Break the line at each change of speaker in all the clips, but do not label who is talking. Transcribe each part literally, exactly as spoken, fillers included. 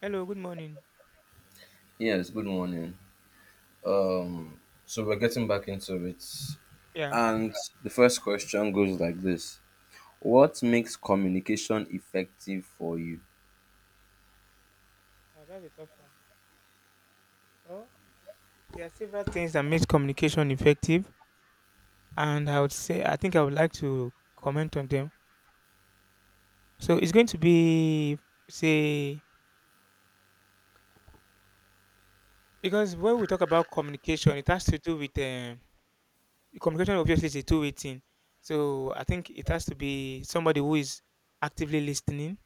Hello, good morning.
Yes, good morning. So we're getting back into it.
Yeah.
And the first question goes like this: what makes communication effective for you?
Oh, that's a tough one. Well, there are several things that makes communication effective, and I would say I think I would like to comment on them. So it's going to be say because when we talk about communication, it has to do with um, communication. Obviously, is a two-way thing. So I think it has to be somebody who is actively listening,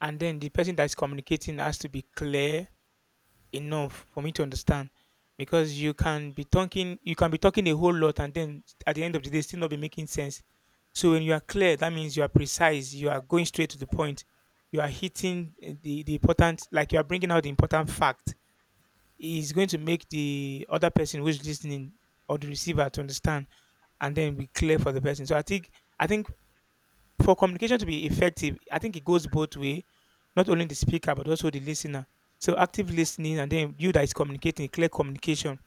and then the person that's communicating has to be clear enough for me to understand, because you can be talking you can be talking a whole lot and then at the end of the day still not be making sense. So when you are clear, that means you are precise, you are going straight to the point, you are hitting eh, the the important, like you are bringing out the important fact, is going to make the other person who's listening or the receiver to understand and then be clear for the person. So i think i think for communication to be effective, I think it goes both way, not only the speaker but also the listener. So active listening, and then you that is communicating, clear communication,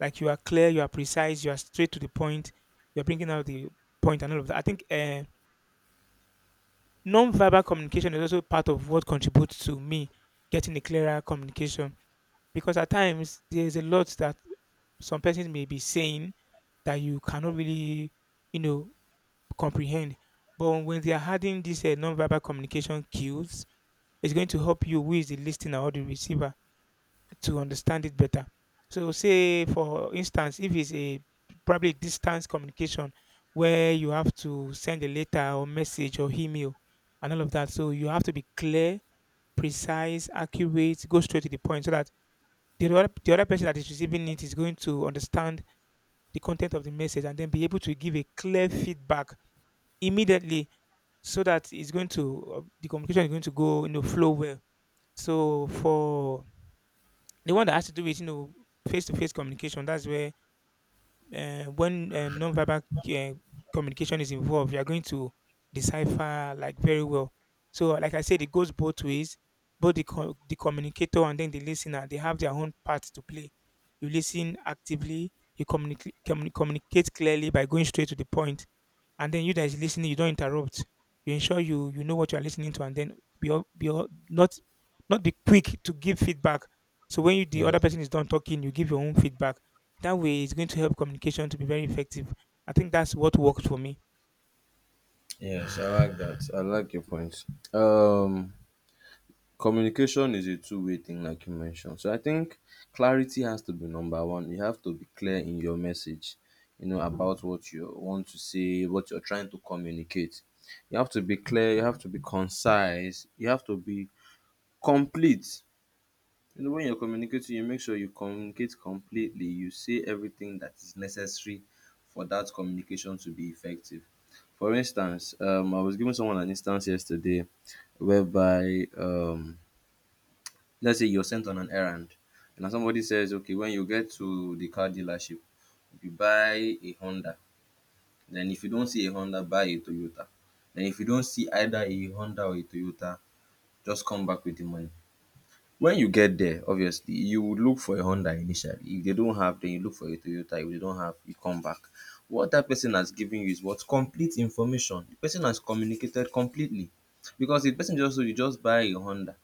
like you are clear, you are precise, you are straight to the point, you are bringing out the point and all of that. I think uh, non-verbal communication is also part of what contributes to me getting a clearer communication, because at times there is a lot that some persons may be saying that you cannot really, you know, comprehend. But when they are adding these uh, non-verbal communication cues, it's going to help you, who is the listener or the receiver, to understand it better. So, say for instance, if it's a probably distance communication where you have to send a letter or message or email and all of that, so you have to be clear, precise, accurate, go straight to the point, so that the other, the other person that is receiving it is going to understand the content of the message and then be able to give a clear feedback immediately, so that it's going to uh, the communication is going to go you know flow well. So for the one that has to do with you know face to face communication, that's where uh, when uh, non-verbal uh, communication is involved, you are going to decipher like very well. So like I said, it goes both ways. Both the co- the communicator and then the listener, they have their own part to play. You listen actively. You communicate communicate clearly by going straight to the point, and then you that is listening, you don't interrupt. You ensure you you know what you are listening to, and then be al- be al- not not be quick to give feedback. So when you, the other
Yes,
person is done talking, you give your own feedback. That way, it's going to help communication to be very effective. I think that's what worked for me.
yes, I like that. I like your points. Um, Communication is a two-way thing, like you mentioned. So I think clarity has to be number one. You have to be clear in your message, you know, about what you want to say, what you're trying to communicate. You have to be clear. You have to be concise. You have to be complete. You know, when you're communicating, you make sure you communicate completely. You say everything that is necessary for that communication to be effective. For instance, um, I was giving someone an instance yesterday whereby, um, let's say you're sent on an errand, and somebody says, okay, when you get to the car dealership, you buy a Honda. Then if you don't see a Honda, buy a Toyota. Then if you don't see either a Honda or a Toyota, just come back with the money. When you get there, obviously, you would look for a Honda initially. If they don't have, then you look for a Toyota. If they don't have, you come back. What that person has given you is what complete information. The person has communicated completely. Because the person just told you just buy a Honda.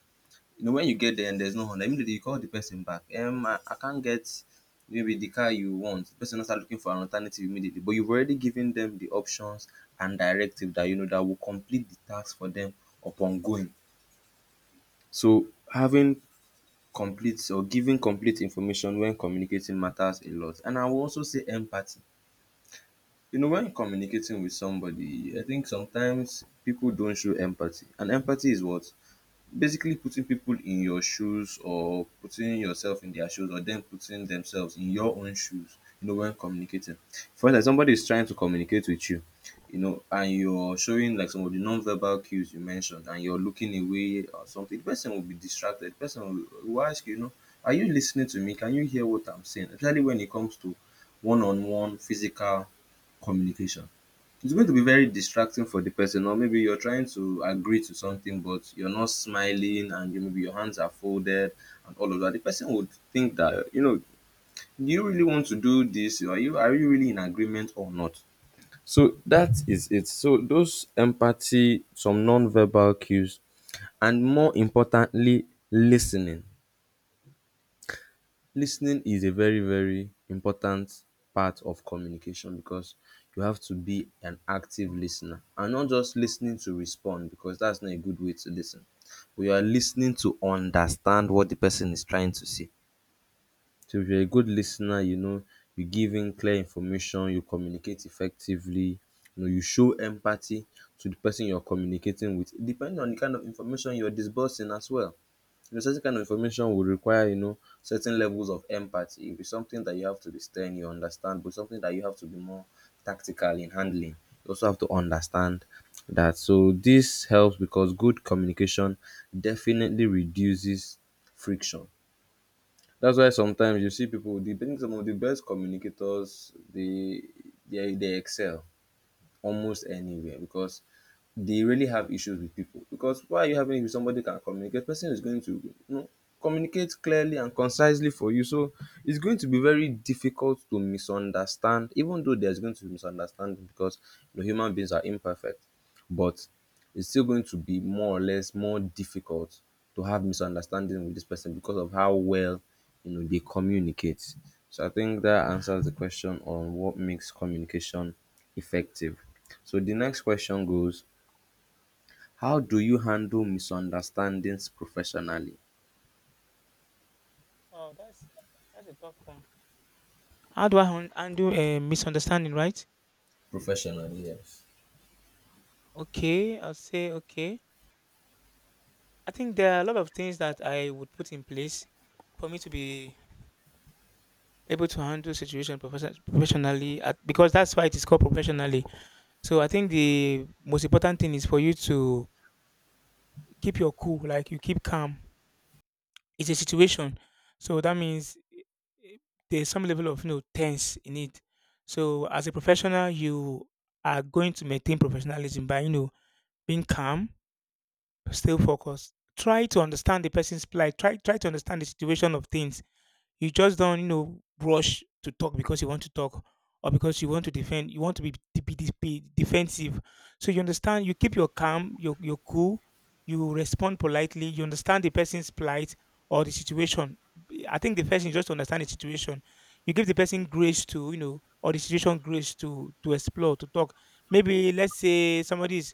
You know, when you get there and there's no Honda, immediately you call the person back. Um, I, I can't get maybe the car you want. The person will start looking for an alternative immediately. But you've already given them the options and directive that you know that will complete the task for them upon going. So having complete or giving complete information when communicating matters a lot, and I will also say empathy. You know, when communicating with somebody, I think sometimes people don't show empathy, and empathy is what, basically, putting people in your shoes, or putting yourself in their shoes, or them putting themselves in your own shoes, you know, when communicating. For instance, somebody is trying to communicate with you, you know, and you're showing like some of the non-verbal cues you mentioned, and you're looking away or something. The person will be distracted. The person will, will ask you, you know, are you listening to me? Can you hear what I'm saying? Especially when it comes to one-on-one physical communication, it's going to be very distracting for the person. Or maybe you're trying to agree to something, but you're not smiling, and you, maybe your hands are folded, and all of that. The person would think that, you know, do you really want to do this? Are you are you really in agreement or not? So that is it. So those empathy, some non-verbal cues, and more importantly, listening. Lis ten ing is a very very important part of communication, because you have to be an active lis ten er and not just lis ten ing to respond, because that's not a good way to lis ten. But you are lis ten ing to understand what the person is trying to say. So if you're a good lis ten er, you know, you give in clear information, you communicate effectively, you know, you show empathy to the person you're communicating with, depending on the kind of information you're disbursing as well. Because certain kind of information will require, you know, certain levels of empathy. It'll be something that you have to be stern, you understand, but something that you have to be more tactical in handling. You also have to understand that. So this helps because good communication definitely reduces friction. That's why sometimes you see people, the, I think some of the best communicators, they, they, they excel almost anywhere, because they really have issues with people. Because why are you having it with somebody who can communicate? Person is going to, you know, communicate clearly and concisely for you. So it's going to be very difficult to misunderstand, even though there's going to be misunderstanding, because, you know, human beings are imperfect. But it's still going to be more or less more difficult to have misunderstanding with this person because of how well, you know, they communicate. So I think that answers the question on what makes communication effective. So the next question goes, how do you handle misunderstandings professionally?
Oh, that's that's a tough one. How do I han- handle a misunderstanding? Right?
Professionally, yes.
Okay, I'll say okay. I think there are a lot of things that I would put in place for me to be able to handle situation profession- professionally at, because that's why it is called professionally. So I think the most important thing is for you to keep your cool, like you keep calm. It's a situation, so that means eh, there's some level of you know tense in it. So as a professional, you are going to maintain professionalism by you know being calm, still focused, try to understand the person's plight, try try to understand the situation of things. You just don't, you know, rush to talk because you want to talk or because you want to defend. You want to be, de- be, de- be defensive. So you understand. You keep your calm. You're, you're cool. You respond politely. You understand the person's plight or the situation. I think the first thing is just to understand the situation. You give the person grace to, you know, or the situation grace to to explore to talk. Maybe let's say somebody is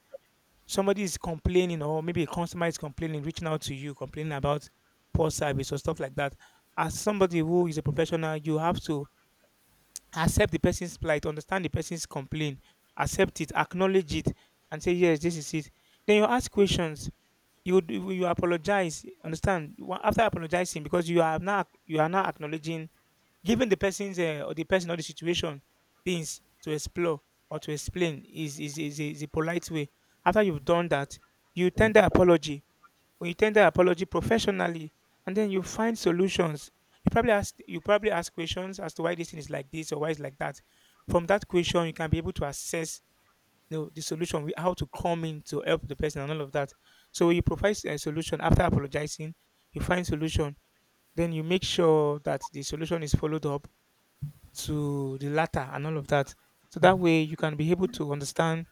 somebody is complaining, or maybe a customer is complaining, reaching out to you, complaining about poor service or stuff like that. As somebody who is a professional, you have to accept the person's plight, understand the person's complaint, accept it, acknowledge it, and say, yes, this is it. Then you ask questions. You d- you apologize. Understand? Wa- After apologizing, because you are now you are now acknowledging, giving the person's uh, or the person or the situation things to explore or to explain is is, is, a, is a polite way. After you've done that, you tender apology. When you tender apology professionally, and then you find solutions. You probably ask you probably ask questions as to why this thing is like this or why it's like that. From that question, you can be able to assess, you know, the solution, wi- how to come in to help the person and all of that. So you provide a solution. After apologizing, you find solution, then you make sure that the solution is followed up to the latter and all of that. So that way you can be able to understand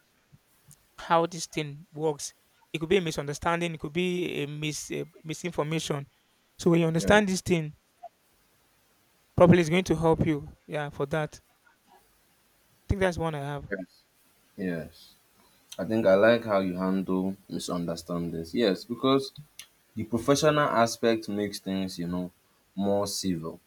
how this thing works. It could be a misunderstanding, it could be a mis a misinformation. So when you
Yeah.
understand this thing properly, it's going to help you. Yeah, for that. I think that's one I have.
Yes. Yes. I think I like how you handle misunderstandings. Yes, because the professional aspect makes things, you know, more civil.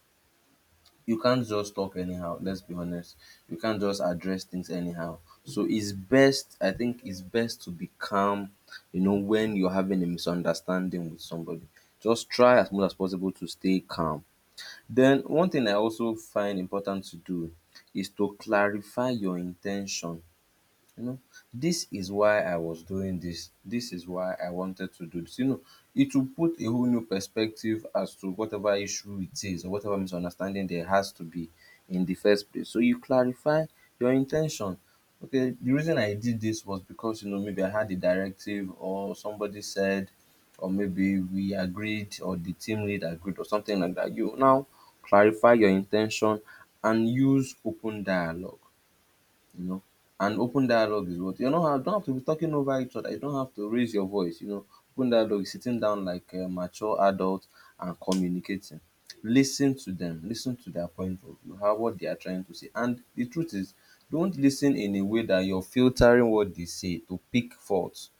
You can't just talk anyhow, let's be honest. You can't just address things anyhow. So it's best, I think it's best to be calm, you know, when you're having a misunderstanding with somebody. Just try as much as possible to stay calm. Den one thing I also find important to do is to clarify your in ten tion. You know, this is why I was doing this, this is why I wanted to do this. You know, it will put a whole new perspective as to whatever issue it is or whatever misunderstanding there has to be in the first place. So you clarify your intention. Okay, the reason I did this was because, you know, maybe I had a directive, or somebody said, or maybe we agreed, or the team lead agreed, or something like that. You now clarify your intention and use open dialogue, you know. And open dialogue is what, you know. You don't have to be talking over each other. You don't have to raise your voice. You know, open dialogue is sitting down like a mature adult and communicating. Listen to them. Listen to their point of view. How what they are trying to say. And the truth is, don't listen in a way that you're filtering what they say to pick faults,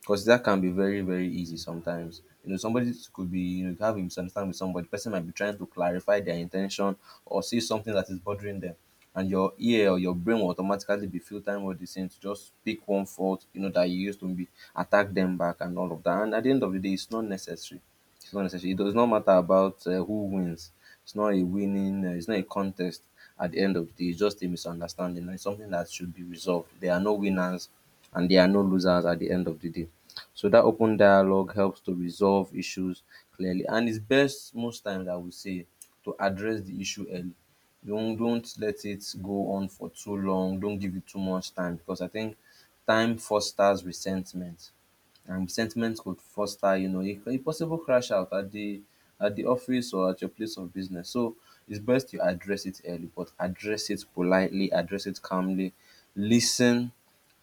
because that can be very very easy sometimes. You know, somebody could be, you know, have a misunderstanding with somebody. The person might be trying to clarify their intention or say something that is bothering them, and your ear or your brain will automatically be filtering what they saying to just pick one fault, you know, that you used to be attack them back and all of that. And at the end of the day, it's not necessary it's not necessary It does not matter about uh, who wins. It's not a winning uh, it's not a contest. At the end of the day, it's just a misunderstanding, it's something that should be resolved. There are no winners and there are no losers at the end of the day. So that open dialogue helps to resolve issues clearly, and it's best, most times I would say, to address the issue early. Don't don't let it go on for too long. Don't give it too much time, because I think time fosters resentment, and resentment could foster, you know, a, a possible crash out at the at the office or at your place of business. So it's best you address it early, but address it politely, address it calmly, listen,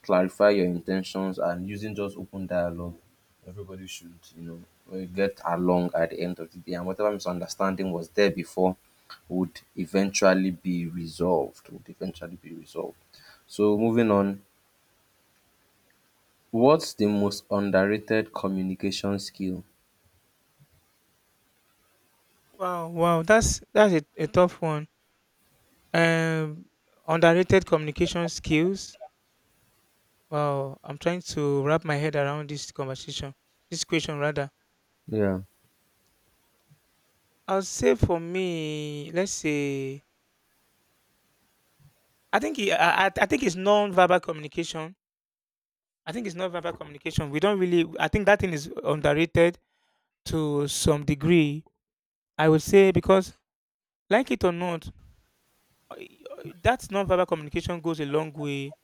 clarify your intentions and using just open dialogue. Everybody should, you know, uh, get along at the end of the day, and whatever misunderstanding was there before would eventually be resolved. Would eventually be resolved. So moving on, what's the most underrated communication skill?
Wow, wow, that's that's a, a tough one. Um, Underrated communication skills. Wow, I'm trying to wrap my head around this conversation, this question rather.
Yeah.
I'll say for me, let's say I think he, I, I I think it's non-verbal communication. I think it's non-verbal communication. We don't really. I think that thing is underrated to some degree. I would say because, like it or not, uh, that non-verbal communication goes a long way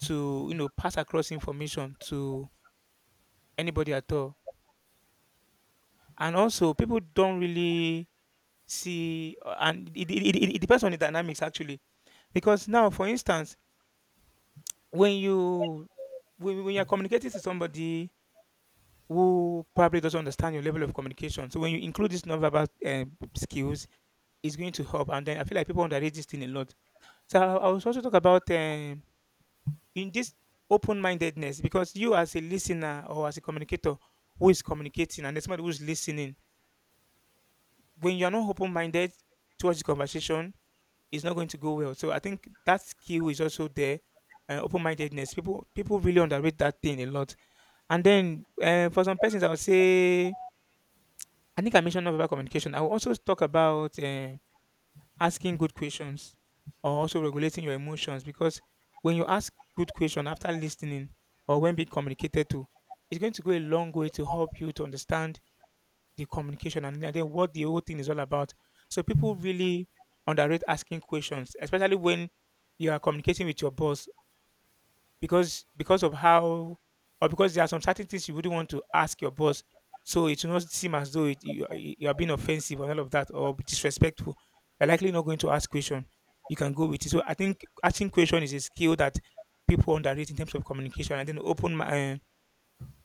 to you know pass across information to anybody at all. And also, people don't really see, uh, and it, it, it, it depends on the dynamics actually. Because now, for instance, when you when, when you're communicating to somebody who probably doesn't understand your level of communication. So when you include this nonverbal um, skills, it's going to help. And then I feel like people underrate this thing a lot. So I, I was also talk about um, in this open-mindedness, because you as a listener or as a communicator who is communicating and there's somebody who's listening, when you're not open-minded towards the conversation, it's not going to go well. So I think that skill is also there. Uh, open-mindedness, people people really underrate that thing a lot. And then uh, for some persons I would say I think I mentioned nonverbal communication. I will also talk about eh, asking good questions or also regulating your emotions, because when you ask good question after listening or when being communicated to, it's going to go a long way to help you to understand the communication and then what the whole thing is all about. So people really underrate asking questions, especially when you are communicating with your boss, because because of how, or because there are some certain things you wouldn't want to ask your boss, so it will not seem as though it, you, are- you are being offensive and all of that or disrespectful. You're likely not going to ask question. You can go with it. So I think asking question is a skill that people underrate in terms of communication, and then open mi- eh,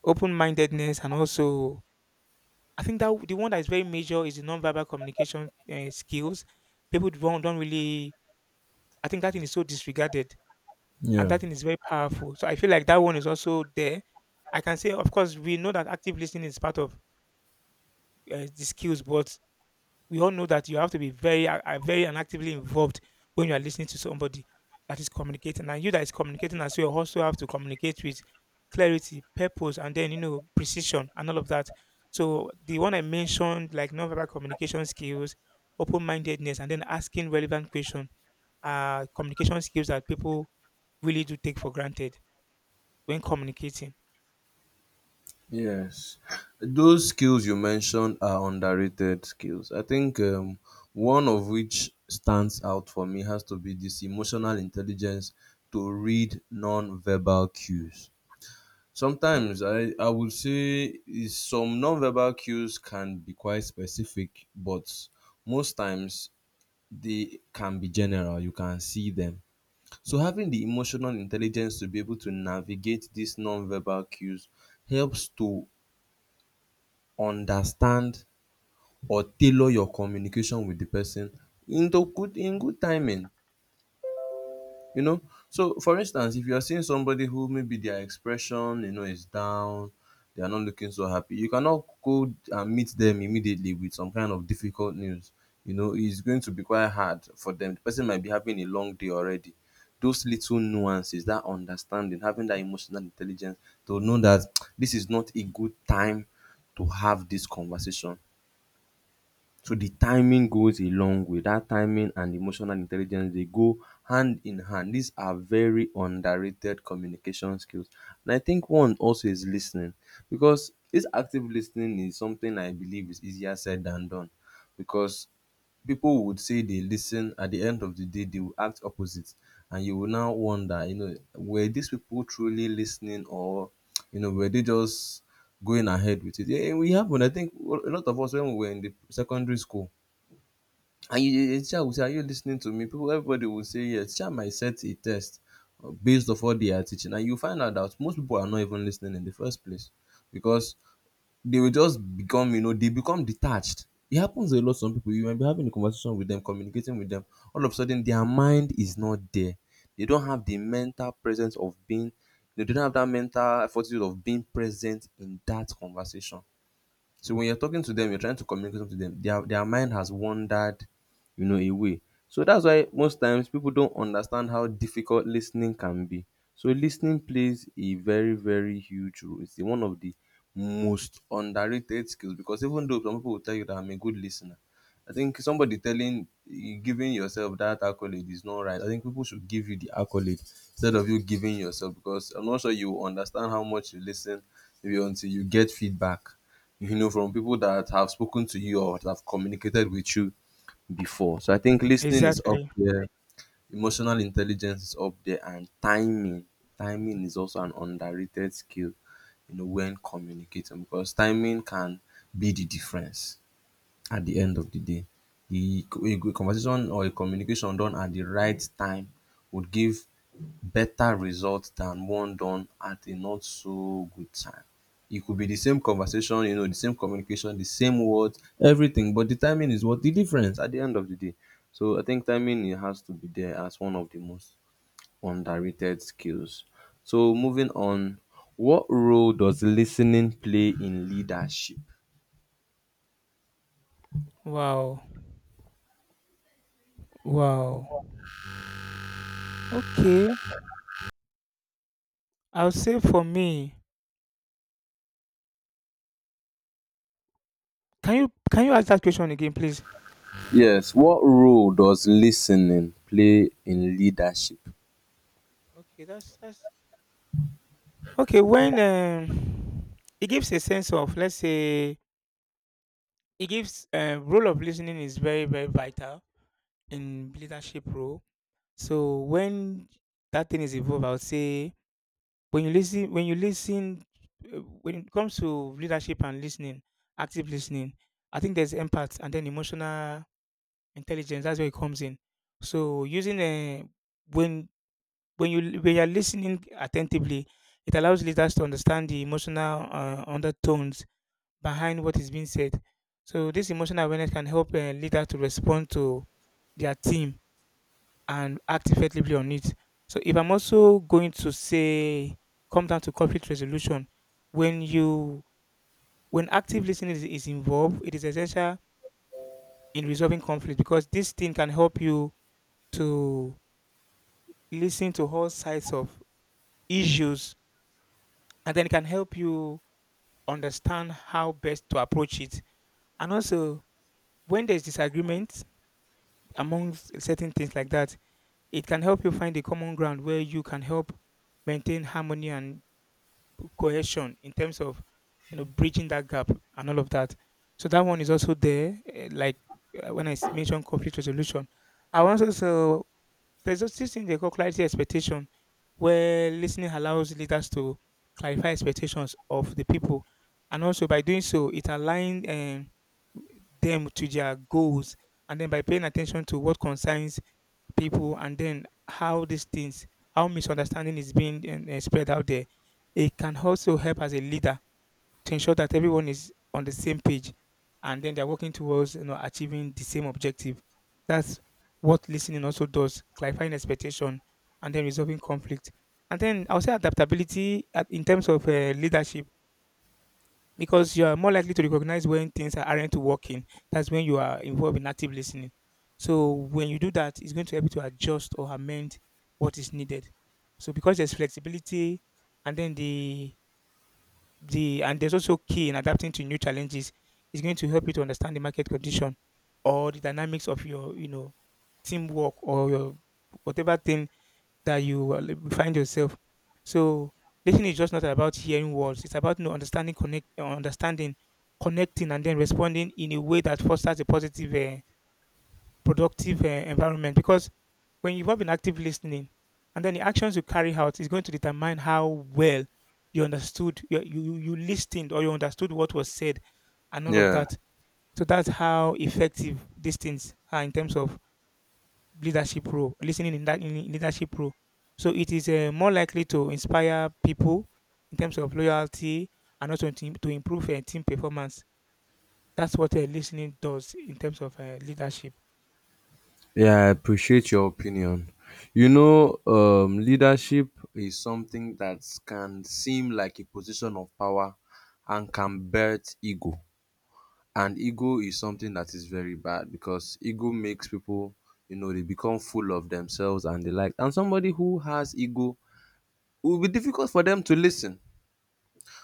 open-mindedness, and also I think that the one that is very major is the non-verbal communication uh, skills. People don't don't really. I think that thing is so disregarded, and
Yeah.
that thing is very powerful. So I feel like that one is also there. I can say, of course, we know that active listening is part of uh, the skills, but we all know that you have to be very, uh, uh, very and actively involved when you are listening to somebody that is communicating, and you that is communicating as well also have to communicate with clarity, purpose, and then you know precision and all of that. So the one I mentioned, like nonverbal communication skills, open-mindedness, and then asking relevant questions, are communication skills that people really do take for granted when communicating.
Yes, those skills you mentioned are underrated skills. I think um, one of which stands out for me has to be this emotional intelligence to read non-verbal cues. Sometimes I, I would say is some non-verbal cues can be quite specific, but most times they can be general. You can see them. So having the emotional intelligence to be able to navigate these non-verbal cues helps to understand or tailor your communication with the person into good in good timing, you know. So for instance, if you are seeing somebody who, maybe their expression, you know, is down, they are not looking so happy, you cannot go and meet them immediately with some kind of difficult news. You know, it's going to be quite hard for them. The person might be having a long day already. Those little nuances, that understanding, having that emotional intelligence to know that this is not a good time to have this conversation. So the timing goes a long way. That timing and emotional intelligence, they go hand in hand. These are very underrated communication skills. And I think one also is listening, because this active listening is something I believe is easier said than done, because people would say they listen, at the end of the day they will act opposite, and you will now wonder, you know, were these people truly listening, or you know were they just going ahead with it? Yeah, we happened. I think a lot of us when we were in the secondary school, and you the teacher would say, are you listening to me, people? Everybody would say yes, teacher might set a test uh, based off what they are teaching, and you find out that most people are not even listening in the first place. Because they will just become, you know, they become detached. It happens a lot, some people. You might be having a conversation with them, communicating with them. All of a sudden, their mind is not there. They don't have the mental presence of being, they don't have that mental fortitude of being present in that conversation. So when you're talking to them, you're trying to communicate something to them, their their mind has wandered, you know, away. So that's why most times people don't understand how difficult listening can be. So listening plays a very, very huge role. It's the- one of the most underrated skills, because even though some people will tell you that I'm a good listener, I think somebody telling, giving yourself that accolade is not right. I think people should give you the accolade instead of you giving yourself, because I'm not sure you will understand how much you listen maybe until you get feedback, you know, from people that have spoken to you or that have communicated with you before. So I think listening is up
Exactly.
there, emotional intelligence is up there, and timing. Timing is also an underrated skill, you know, when communicating, because timing can be the difference at the end of the day. The co- a good conversation or a communication done at the right time would give better result than one done at a not so good time. It could be the same conversation, you know, the same communication, the same words, everything, but the timing is what the difference at the end of the day. So I think timing, it has to be there as one of the most underrated skills. So moving on, what role does listening play in leadership?
Wow. Wow. Okay. I'll say for me. Can you can you ask that question again, please?
Yes. What role does listening play in leadership?
Okay, that's that's okay, when um, it gives a sense of, let's say, it gives uh, role of listening is very very vital in leadership role. So when that thing is involved, I would say when you listen, when you listen, uh, when it comes to leadership and listening, active listening, I think there's empath and then emotional intelligence. That's where it comes in. So using uh, when when you when you're listening attentively, it allows leaders to understand the emotional uh, undertones behind what is being said. So this emotional awareness can help a leader to respond to their team and act effectively on it. So if I'm also going to say come down to conflict resolution, when you when active listening is, is involved, it is essential in resolving conflict because this thing can help you to listen to all sides of issues, and then it can help you understand how best to approach it. And also when there's disagreement, amongst certain things like that. It can help you find a common ground where you can help maintain harmony and cohesion in terms of you know bridging that gap and all of that. So that one is also there. eh, Like uh, when I s- mentioned conflict resolution, I want to so there's also this thing they call clarity expectation, where listening allows leaders to clarify expectations of the people, and also by doing so, it aligns um, them to their goals. And then by paying attention to what concerns people, and then how these things, how misunderstanding is being um, eh, spread out there, it can also help as a leader to ensure that everyone is on the same page, and then they're working towards you know achieving the same objective. That's what listening also does: clarifying expectation, and then resolving conflict. And then I'll say adaptability at, in terms of uh, leadership, because you are more likely to recognize when things are- aren't working. That's when you are involved in active listening. So when you do that, it's going to help you to adjust or amend what is needed. So because there's flexibility, and then the the and there's also key in adapting to new challenges. It's going to help you to understand the market condition or the dynamics of your you know teamwork or your whatever thing that you uh, find yourself. So listening is just not about hearing words; it's about you know, understanding, connect, uh, understanding, connecting, and then responding in a way that fosters a positive, uh, productive uh, environment. Because when you have been active listening, and then the actions you carry out is going to determine how well you understood, you, you you listened, or you understood what was said, and all of
Yeah.
that. So that's how effective these things are in terms of leadership role, listening in that in leadership role. So it is uh, more likely to inspire people in terms of loyalty, and also to, to improve uh, team performance. That's what uh, listening does in terms of uh, leadership.
Yeah, I appreciate your opinion. You know, um, leadership is something that can seem like a position of power and can birth ego. And ego is something that is very bad, because ego makes people, you know, they become full of themselves and the like. And somebody who has ego, it will be difficult for them to listen.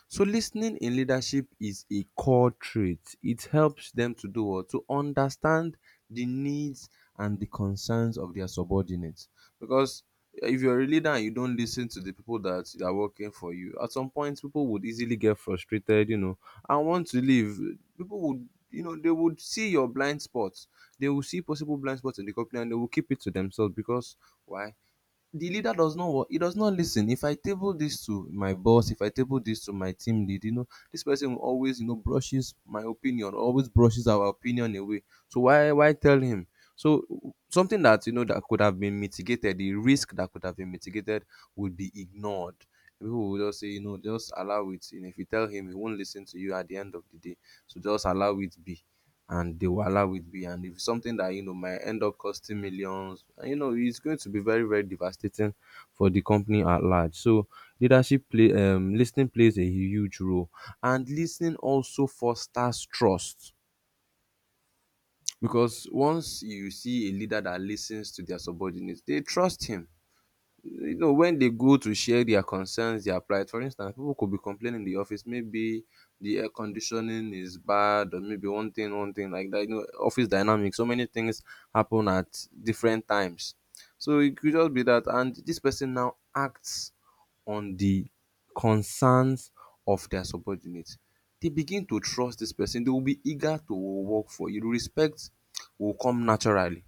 So listening in leadership is a core trait. It helps them to do what? To understand the needs and the concerns of their subordinates. Because if you're a leader and you don't listen to the people that are working for you, at some point people would easily get frustrated, you know, and want to leave. People would, you know, they would see your blind spots, they will see possible blind spots in the company, and they will keep it to themselves. Because why? The leader does not, what he does not listen. If I table this to my boss, if I table this to my team lead, you know, this person will always, you know, brushes my opinion, always brushes our opinion away. So why why tell him? So something that, you know, that could have been mitigated, the risk that could have been mitigated would be ignored. People will just say, you know, just allow it, and if you tell him he won't listen to you at the end of the day, so just allow it be. And the wahala with me, and if it's something that you know might end up costing millions, and you know it's going to be very, very devastating for the company at large. So leadership play, um listening plays a huge role. And listening also fosters trust, because once you see a leader that listens to their subordinates, they trust him. You know, when they go to share their concerns, their plight, for instance, people could be complaining in the office, maybe the air conditioning is bad, or maybe one thing, one thing like that. You know, office dynamics, so many things happen at different times. So it could just be that, and this person now acts on the concerns of their subordinates. They begin to trust this person, they will be eager to work for you. Respect will come naturally.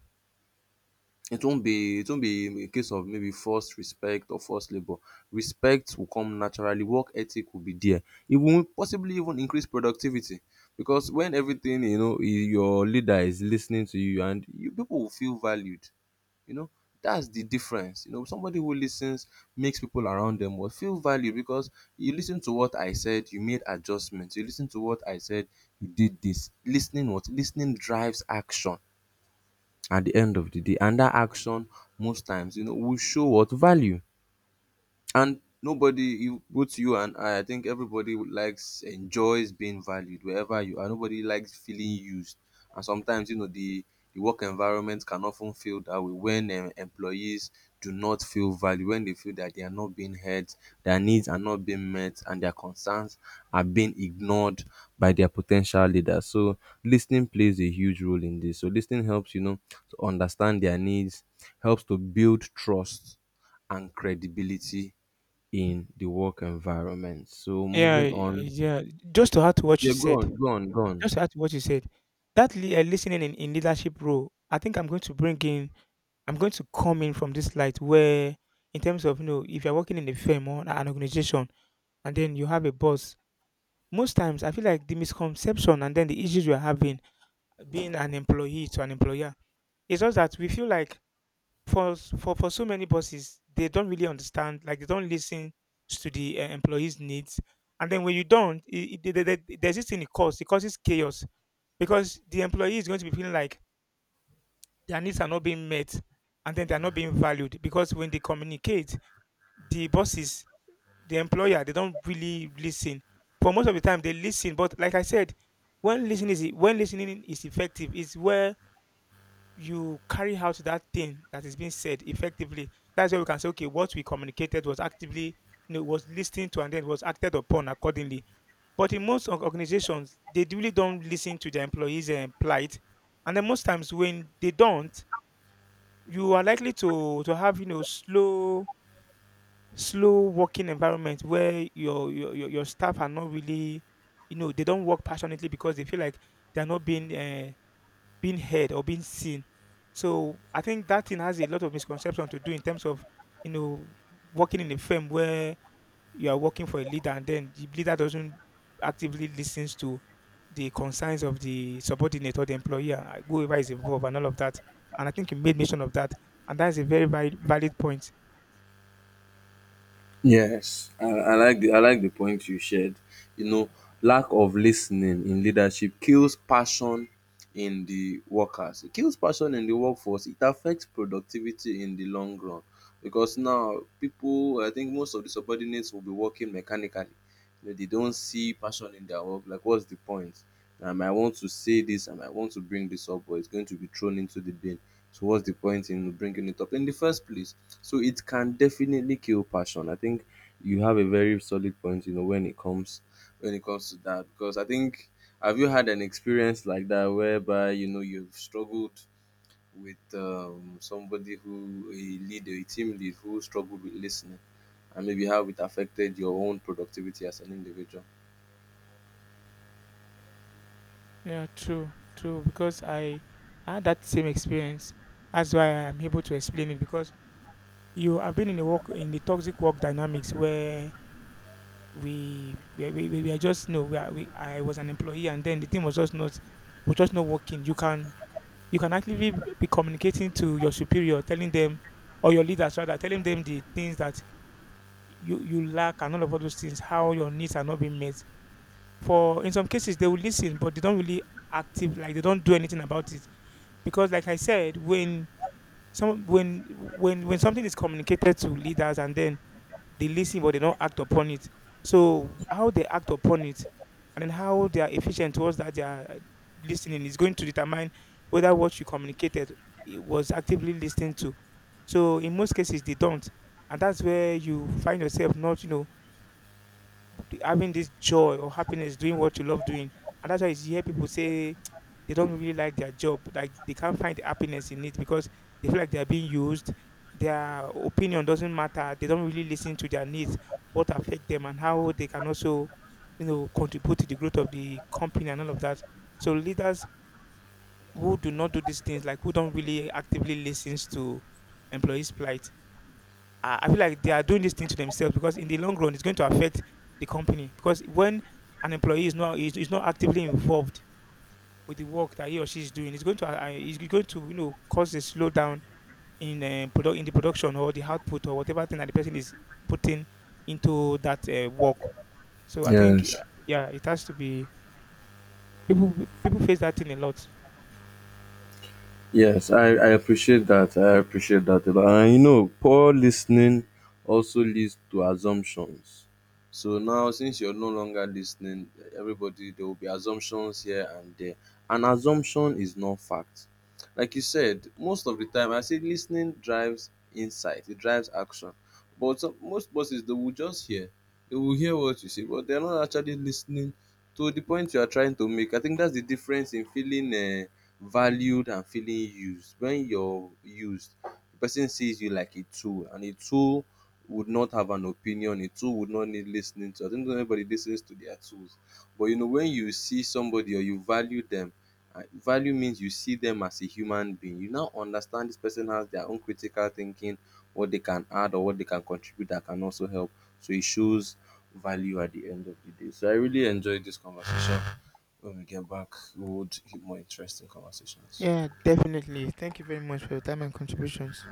It won't be it won't be a case of maybe forced respect or forced labor. Respect will come naturally. Work ethic will be there. It will possibly even increase productivity, because when everything, you know, i- your leader is listening to you and you, people will feel valued. You know, that's the difference. You know, somebody who listens makes people around them will feel valued. Because you listen to what I said, you made adjustments. You listen to what I said, you did this. Listening what listening drives action at the end of the day, and that action most times, you know, will show what value. And nobody, you, both you and I, I think everybody would likes enjoys being valued wherever you are. Nobody likes feeling used, and sometimes, you know, the the work environment can often feel that way when um, employees do not feel valued, when they feel that they are not being heard, their needs are not being met, and their concerns are being ignored by their potential leaders. So listening plays a huge role in this. So listening helps, you know, to understand their needs, helps to build trust and credibility in the work environment. So
Yeah,
moving
y-
on.
yeah. Just to add to what you
Yeah, go
said,
on, go on, go on.
just to add to what you said, that li- uh, listening in, in leadership role, I think I'm going to bring in, I'm going to come in from this light where, in terms of, you know, if you're working in a firm or an organization, and then you have a boss. Most times, I feel like the misconception and then the issues we're having being an employee to an employer is just that we feel like for s- for for so many bosses, they don't really understand, like they don't listen to the uh, employees' needs, and then when you don't, it, it, there- there- there- there's this thing it causes. It causes chaos because the employee is going to be feeling like their needs are not being met, and then they are not being valued because when they communicate, the bosses the employer, they don't really listen. But most of the time they listen, but like I said, when listening is when listening is effective is where you carry out that thing that is being said effectively. That's where we can say, okay, what we communicated was actively you know was listening to, and then was acted upon accordingly. But in most org- organizations they really don't listen to their employees and plight, and then most times when they don't, you are likely to to have you know slow, slow working environment where your your your, your staff are not really you know, they don't work passionately because they feel like they're not being uh, being heard or being seen. So I think that thing has a lot of misconception to do in terms of you know working in a firm where you are working for a leader, and then the leader doesn't actively listens to the concerns of the subordinate or the employer, uh, whoever is involved and all of that. And I think you made mention of that, and that is a very valid valid point.
Yes, I, I like the, I like the point you shared. You know, lack of listening in leadership kills passion in the workers. It kills passion in the workforce. It affects productivity in the long run, because now people, I think most of the subordinates will be working mechanically. You know, they don't see passion in their work. Like, what's the point? Um, I might want to say this. I might want to bring this up, but it's going to be thrown into the bin. So what's the point in bringing it up in the first place? So it can definitely kill passion. I think you have a very solid point, you know, when it comes when it comes to that. Because I think, have you had an experience like that, whereby, you know, you've struggled with um, somebody who, a leader, a team lead who struggled with listening, and maybe how it affected your own productivity as an individual?
Yeah, true, true. Because I had that same experience. That's why I'm able to explain it. Because you have been in the work in the toxic work dynamics where we we we, we we are just no. we, are, we I was an employee, and then the team was just not, was just not working. You can you can actively b- be communicating to your superior, telling them, or your leaders rather, telling them the things that you you lack and all of all those things, how your needs are not being met. For in some cases they will listen, but they don't really active, like they don't do anything about it. Because like I said, when some when when when something is communicated to leaders, and then they listen but they don't act upon it, so how they act upon it and then how they are efficient towards that, they are listening, is going to determine whether what you communicated, it was actively listened to. So in most cases they don't, and that's where you find yourself not you know the- having this joy or happiness doing what you love doing. And that's why you hear people say they don't really like their job, like they can't find the happiness in it because they feel like they are being used. Their opinion doesn't matter. They don't really listen to their needs, what affect them, and how they can also, you know, contribute to the growth of the company and all of that. So leaders who do not do these things, like who don't really actively listen to employees' plight, I I feel like they are doing this thing to themselves because in the long run, it's going to affect the company. Because when an employee is not is, is not actively involved with the work that he or she is doing, it's going to uh, it's going to you know cause a slowdown in uh, produ- in the production or the output or whatever thing that the person is putting into that uh, work. So I think
Yes.
eh, yeah, it has to be people people face that thing a lot.
Yes, I, I appreciate that. I appreciate that a lot. And you know, poor listening also leads to assumptions. So now, since you're no longer listening, everybody, there will be assumptions here and there. An assumption is not fact. Like you said, most of the time, I say listening drives insight, it drives action. But some, most bosses, they will just hear. They will hear what you say, but they're not actually listening to the point you are trying to make. I think that's the difference in feeling. Uh, valued and feeling used. When you're used, the person sees you like a tool, and a tool would not have an opinion. A tool would not need listening to. I don't think anybody listens to their tools. But you know, when you see somebody or you value them, uh, value means you see them as a human being. You now understand this person has their own critical thinking, what they can add or what they can contribute that can also help. So it shows value at the end of the day. So I really enjoyed this conversation. When we get back, we would hit more interesting conversations.
Yeah, definitely. Thank you very much for your time and contributions.